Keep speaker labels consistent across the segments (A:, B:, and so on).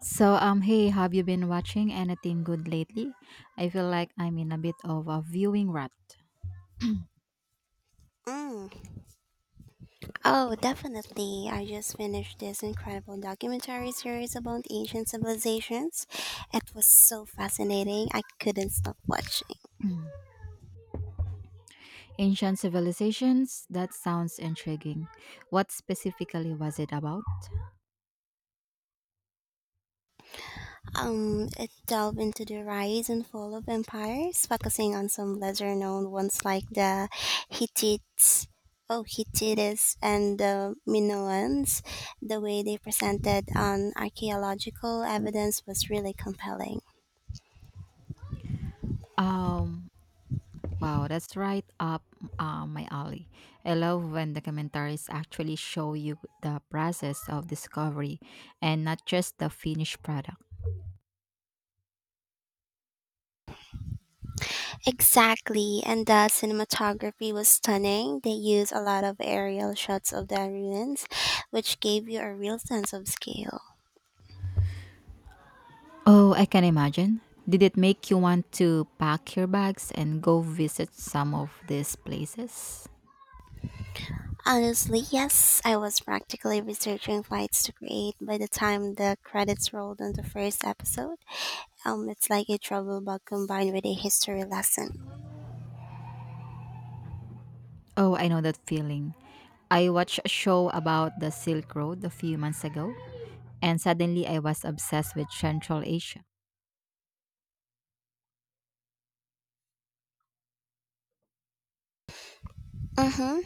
A: So, hey, have you been watching anything good lately? I feel like I'm in a bit of a viewing rut.
B: Mm. Oh, definitely. I just finished this incredible documentary series about ancient civilizations. It was so fascinating. I couldn't stop watching.
A: Ancient civilizations? That sounds intriguing. What specifically was it about?
B: It delved into the rise and fall of empires, focusing on some lesser known ones like the Hittites. Oh, Hittites and the Minoans. The way they presented on archaeological evidence was really compelling.
A: Um, wow, that's right up my alley. I love when documentaries actually show you the process of discovery and not just the finished product.
B: Exactly, and the cinematography was stunning. They used a lot of aerial shots of the ruins, which gave you a real sense of scale.
A: Oh, I can imagine. Did it make you want to pack your bags and go visit some of these places?
B: Honestly, yes, I was practically researching fights to create by the time the credits rolled on the first episode. It's like a travel bug combined with a history lesson.
A: Oh, I know that feeling. I watched a show about the Silk Road a few months ago, and suddenly I was obsessed with Central Asia.
B: Mm-hmm.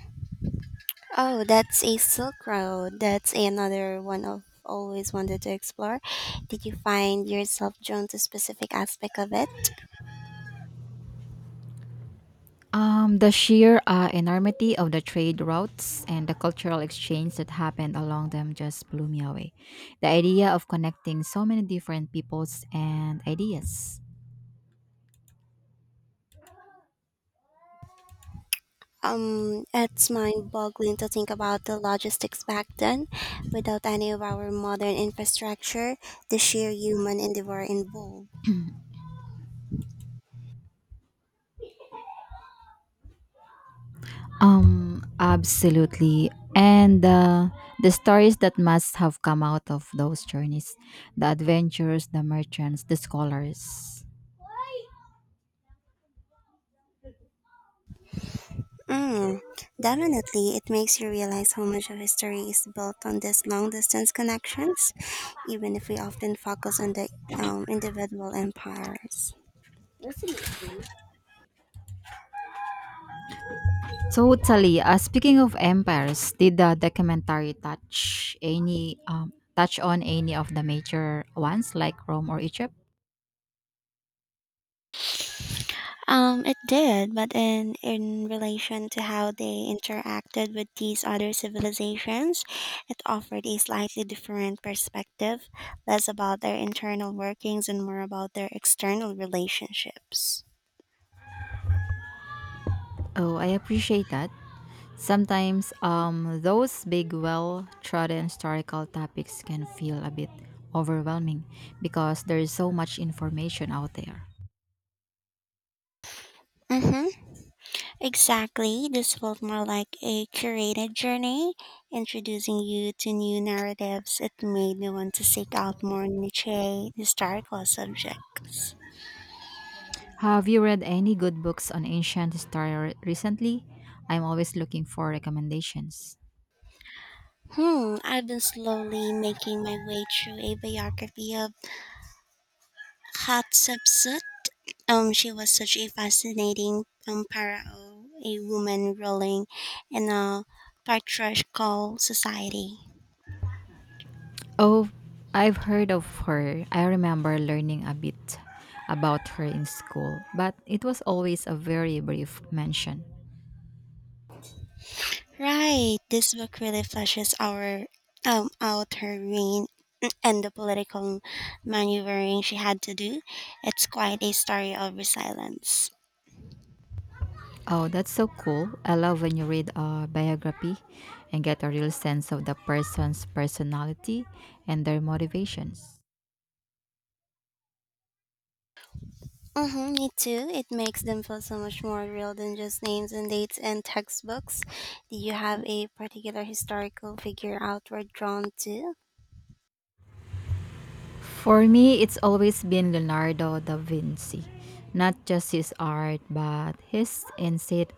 B: Oh, that's a Silk Road. That's another one of always wanted to explore. Did you find yourself drawn to specific aspect of it?
A: The sheer enormity of the trade routes and the cultural exchange that happened along them just blew me away. The idea of connecting so many different peoples and ideas.
B: It's mind-boggling to think about the logistics back then. Without any of our modern infrastructure, the sheer human endeavor involved.
A: Absolutely. And the stories that must have come out of those journeys, the adventurers, the merchants, the scholars.
B: Mm, definitely, it makes you realize how much of history is built on these long-distance connections, even if we often focus on the individual empires.
A: Totally. Speaking of empires, did the documentary touch any touch on any of the major ones like Rome or Egypt?
B: It did, but in relation to how they interacted with these other civilizations, it offered a slightly different perspective, less about their internal workings and more about their external relationships.
A: Oh, I appreciate that. Sometimes those big, well-trodden historical topics can feel a bit overwhelming because there is so much information out there.
B: Mm-hmm. Exactly. This felt more like a curated journey, introducing you to new narratives. It made me want to seek out more niche historical subjects.
A: Have you read any good books on ancient history recently? I'm always looking for recommendations.
B: Hmm, I've been slowly making my way through a biography of Hatshepsut. She was such a fascinating pharaoh, a woman ruling in a patriarchal society.
A: Oh, I've heard of her. I remember learning a bit about her in school, but it was always a very brief mention.
B: Right, this book really fleshes our out her reign and the political maneuvering she had to do. It's quite a story of resilience.
A: Oh, that's so cool. I love when you read a biography and get a real sense of the person's personality and their motivations.
B: Mm-hmm, me too. It makes them feel so much more real than just names and dates and textbooks. Do you have a particular historical figure outward drawn to?
A: For me, it's always been Leonardo da Vinci, not just his art, but his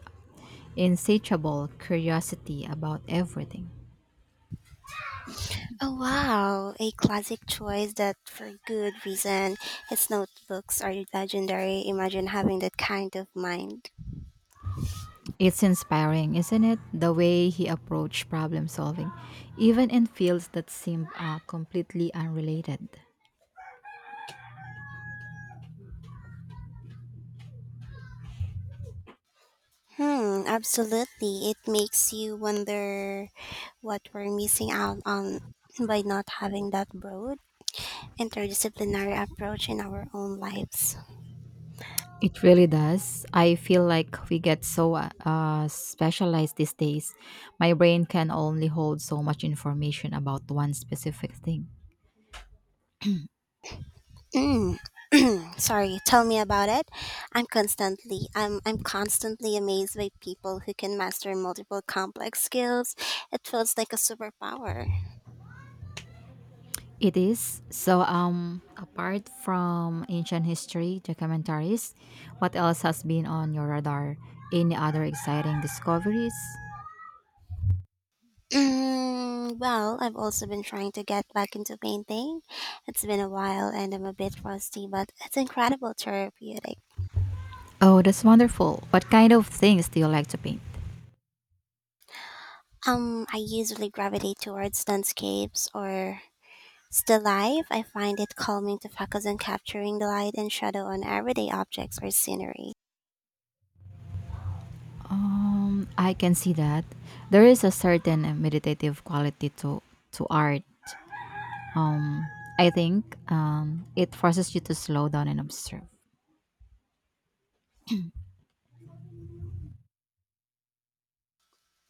A: insatiable curiosity about everything.
B: Oh wow, a classic choice that for good reason. His notebooks are legendary. Imagine having that kind of mind.
A: It's inspiring, isn't it? The way he approached problem solving, even in fields that seem completely unrelated.
B: Hmm, absolutely. It makes you wonder what we're missing out on by not having that broad interdisciplinary approach in our own lives.
A: It really does. I feel like we get so specialized these days. My brain can only hold so much information about one specific thing.
B: Mm. Sorry, tell me about it. I'm constantly amazed by people who can master multiple complex skills. It feels like a superpower.
A: It is. So, apart from ancient history documentaries, what else has been on your radar? Any other exciting discoveries?
B: Mm, well, I've also been trying to get back into painting. It's been a while and I'm a bit rusty, but it's incredible therapeutic.
A: Oh, that's wonderful. What kind of things do you like to paint?
B: I usually gravitate towards landscapes or still life. I find it calming to focus on capturing the light and shadow on everyday objects or scenery.
A: I can see that there is a certain meditative quality to art. Um, I think it forces you to slow down and observe.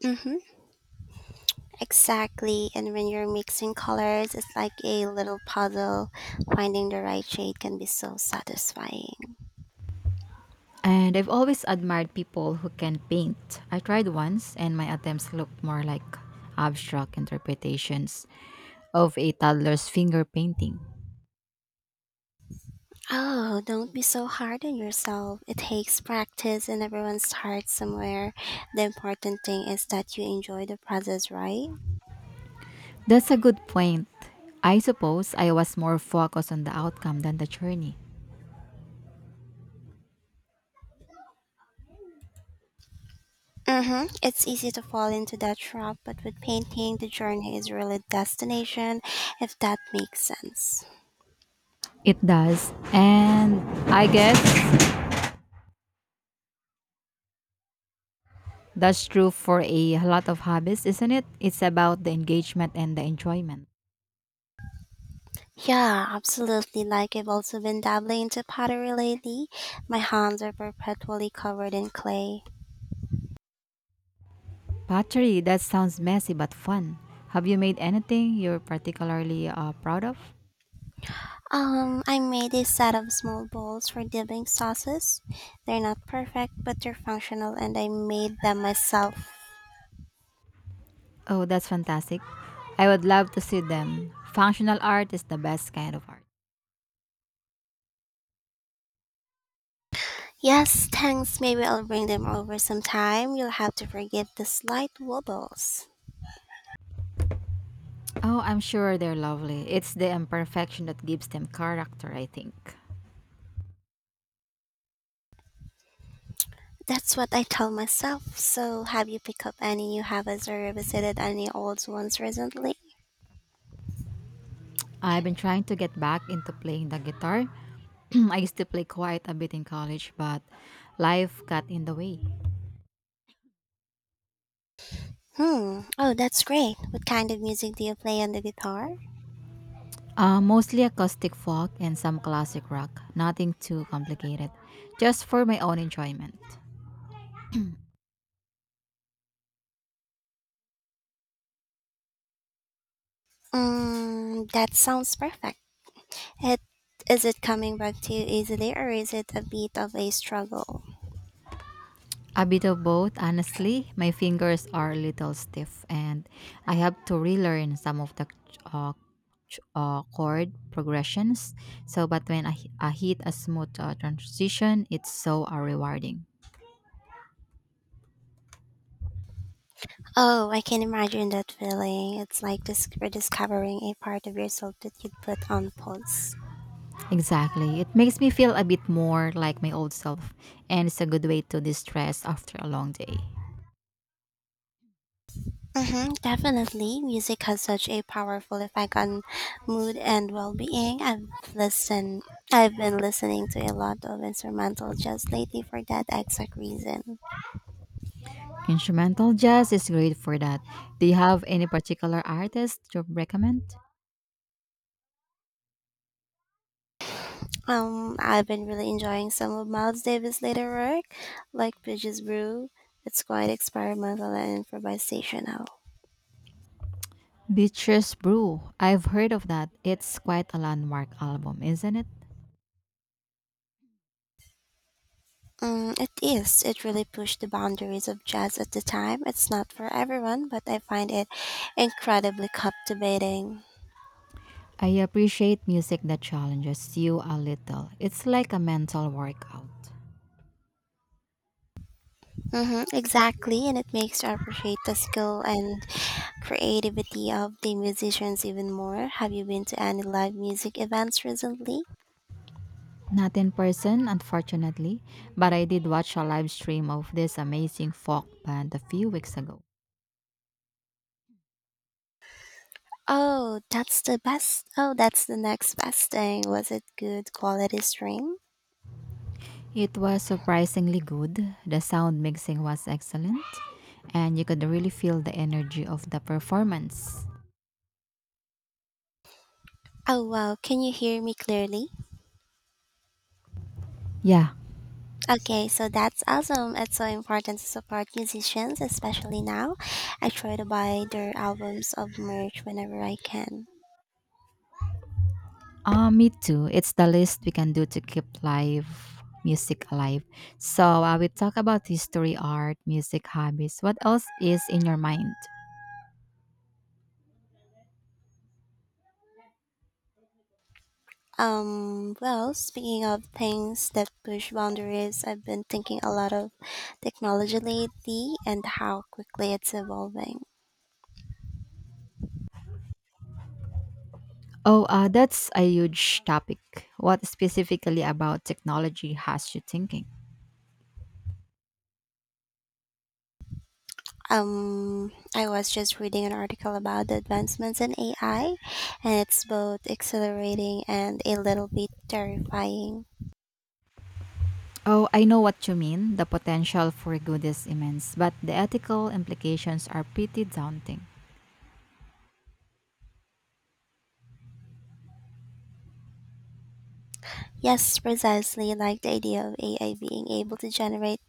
B: Mm-hmm. Exactly. And when you're mixing colors, it's like a little puzzle. Finding the right shade can be so satisfying.
A: And I've always admired people who can paint. I tried once, and my attempts looked more like abstract interpretations of a toddler's finger painting.
B: Oh, don't be so hard on yourself. It takes practice and everyone starts somewhere. The important thing is that you enjoy the process, right?
A: That's a good point. I suppose I was more focused on the outcome than the journey.
B: Mm-hmm. It's easy to fall into that trap, but with painting, the journey is really destination, if that makes sense.
A: It does. And I guess that's true for a lot of hobbies, isn't it? It's about the engagement and the enjoyment.
B: Yeah, absolutely. Like I've also been dabbling into pottery lately. My hands are perpetually covered in clay.
A: Pottery, that sounds messy but fun. Have you made anything you're particularly proud of?
B: I made a set of small bowls for dipping sauces. They're not perfect, but they're functional and I made them myself.
A: Oh, that's fantastic. I would love to see them. Functional art is the best kind of art.
B: Yes, thanks. Maybe I'll bring them over sometime. You'll have to forgive the slight wobbles.
A: Oh, I'm sure they're lovely. It's the imperfection that gives them character, I think.
B: That's what I tell myself. So, have you picked up any new habits or revisited any old ones recently?
A: I've been trying to get back into playing the guitar. I used to play quite a bit in college, but life got in the way.
B: Hmm. Oh, that's great. What kind of music do you play on the guitar?
A: Mostly acoustic folk and some classic rock, nothing too complicated, just for my own enjoyment.
B: Mm, that sounds perfect. It is it coming back to you easily or is it a bit of a struggle?
A: A bit of both, honestly. My fingers are a little stiff, and I have to relearn some of the uh, chord progressions. So, but I hit a smooth transition, it's so rewarding.
B: Oh, I can imagine that feeling. It's like rediscovering a part of yourself that you'd put on pause.
A: Exactly. It makes me feel a bit more like my old self, and it's a good way to distress after a long day.
B: Mm-hmm, definitely. Music has such a powerful effect on mood and well-being. I've been listening to a lot of instrumental jazz lately for that exact reason.
A: Instrumental jazz is great for that. Do you have any particular artist to recommend?
B: I've been really enjoying some of Miles Davis' later work, like Bridges Brew. It's quite experimental and improvisational.
A: Beatrice Brew. I've heard of that. It's quite a landmark album, isn't it?
B: Mm, it is. It really pushed the boundaries of jazz at the time. It's not for everyone, but I find it incredibly captivating.
A: I appreciate music that challenges you a little. It's like a mental workout.
B: Hmm, exactly, and it makes you appreciate the skill and creativity of the musicians even more. Have you been to any live music events recently?
A: Not in person, unfortunately, but I did watch a live stream of this amazing folk band a few weeks ago.
B: Oh, that's the best. Oh, that's the next best thing. Was it good quality stream?
A: It was surprisingly good. The sound mixing was excellent, and you could really feel the energy of the performance.
B: Oh, wow. Can you hear me clearly?
A: Yeah,
B: Okay, so that's awesome. It's so important to support musicians, especially now. I try to buy their albums of merch whenever I can.
A: me too. It's the least we can do to keep live music alive. So, we talk about history, art, music, hobbies. What else is in your mind?
B: Well, speaking of things that push boundaries, I've been thinking a lot of technology lately and how quickly it's evolving.
A: Oh, that's a huge topic. What specifically about technology has you thinking?
B: I was just reading an article about the advancements in AI, and it's both exhilarating and a little bit terrifying.
A: Oh, I know what you mean. The potential for good is immense, but the ethical implications are pretty daunting.
B: Yes, precisely like the idea of AI being able to generate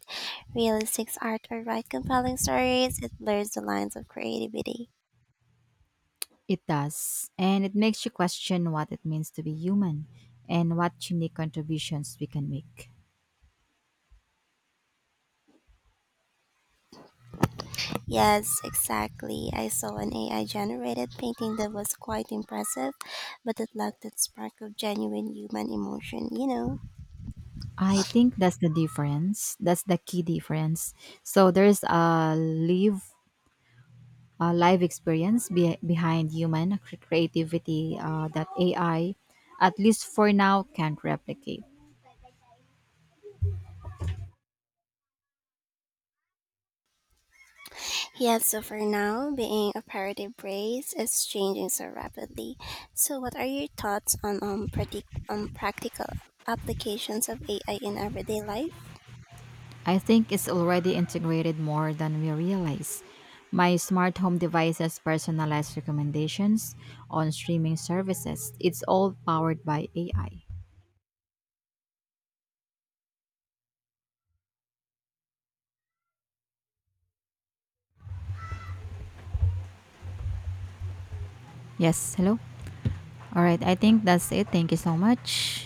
B: realistic art or write compelling stories, it blurs the lines of creativity.
A: It does, and it makes you question what it means to be human and what unique contributions we can make.
B: Yes, exactly. I saw an AI generated painting that was quite impressive, but it lacked that spark of genuine human emotion, you know.
A: I think that's the difference. That's the key difference. So there's a live experience behind human creativity that AI, at least for now, can't replicate.
B: Yet, so for now, being a parody brace is changing so rapidly. So, what are your thoughts on practical applications of AI in everyday life?
A: I think it's already integrated more than we realize. My smart home devices personalize recommendations on streaming services. It's all powered by AI. Yes, hello. All right, I think that's it. Thank you so much.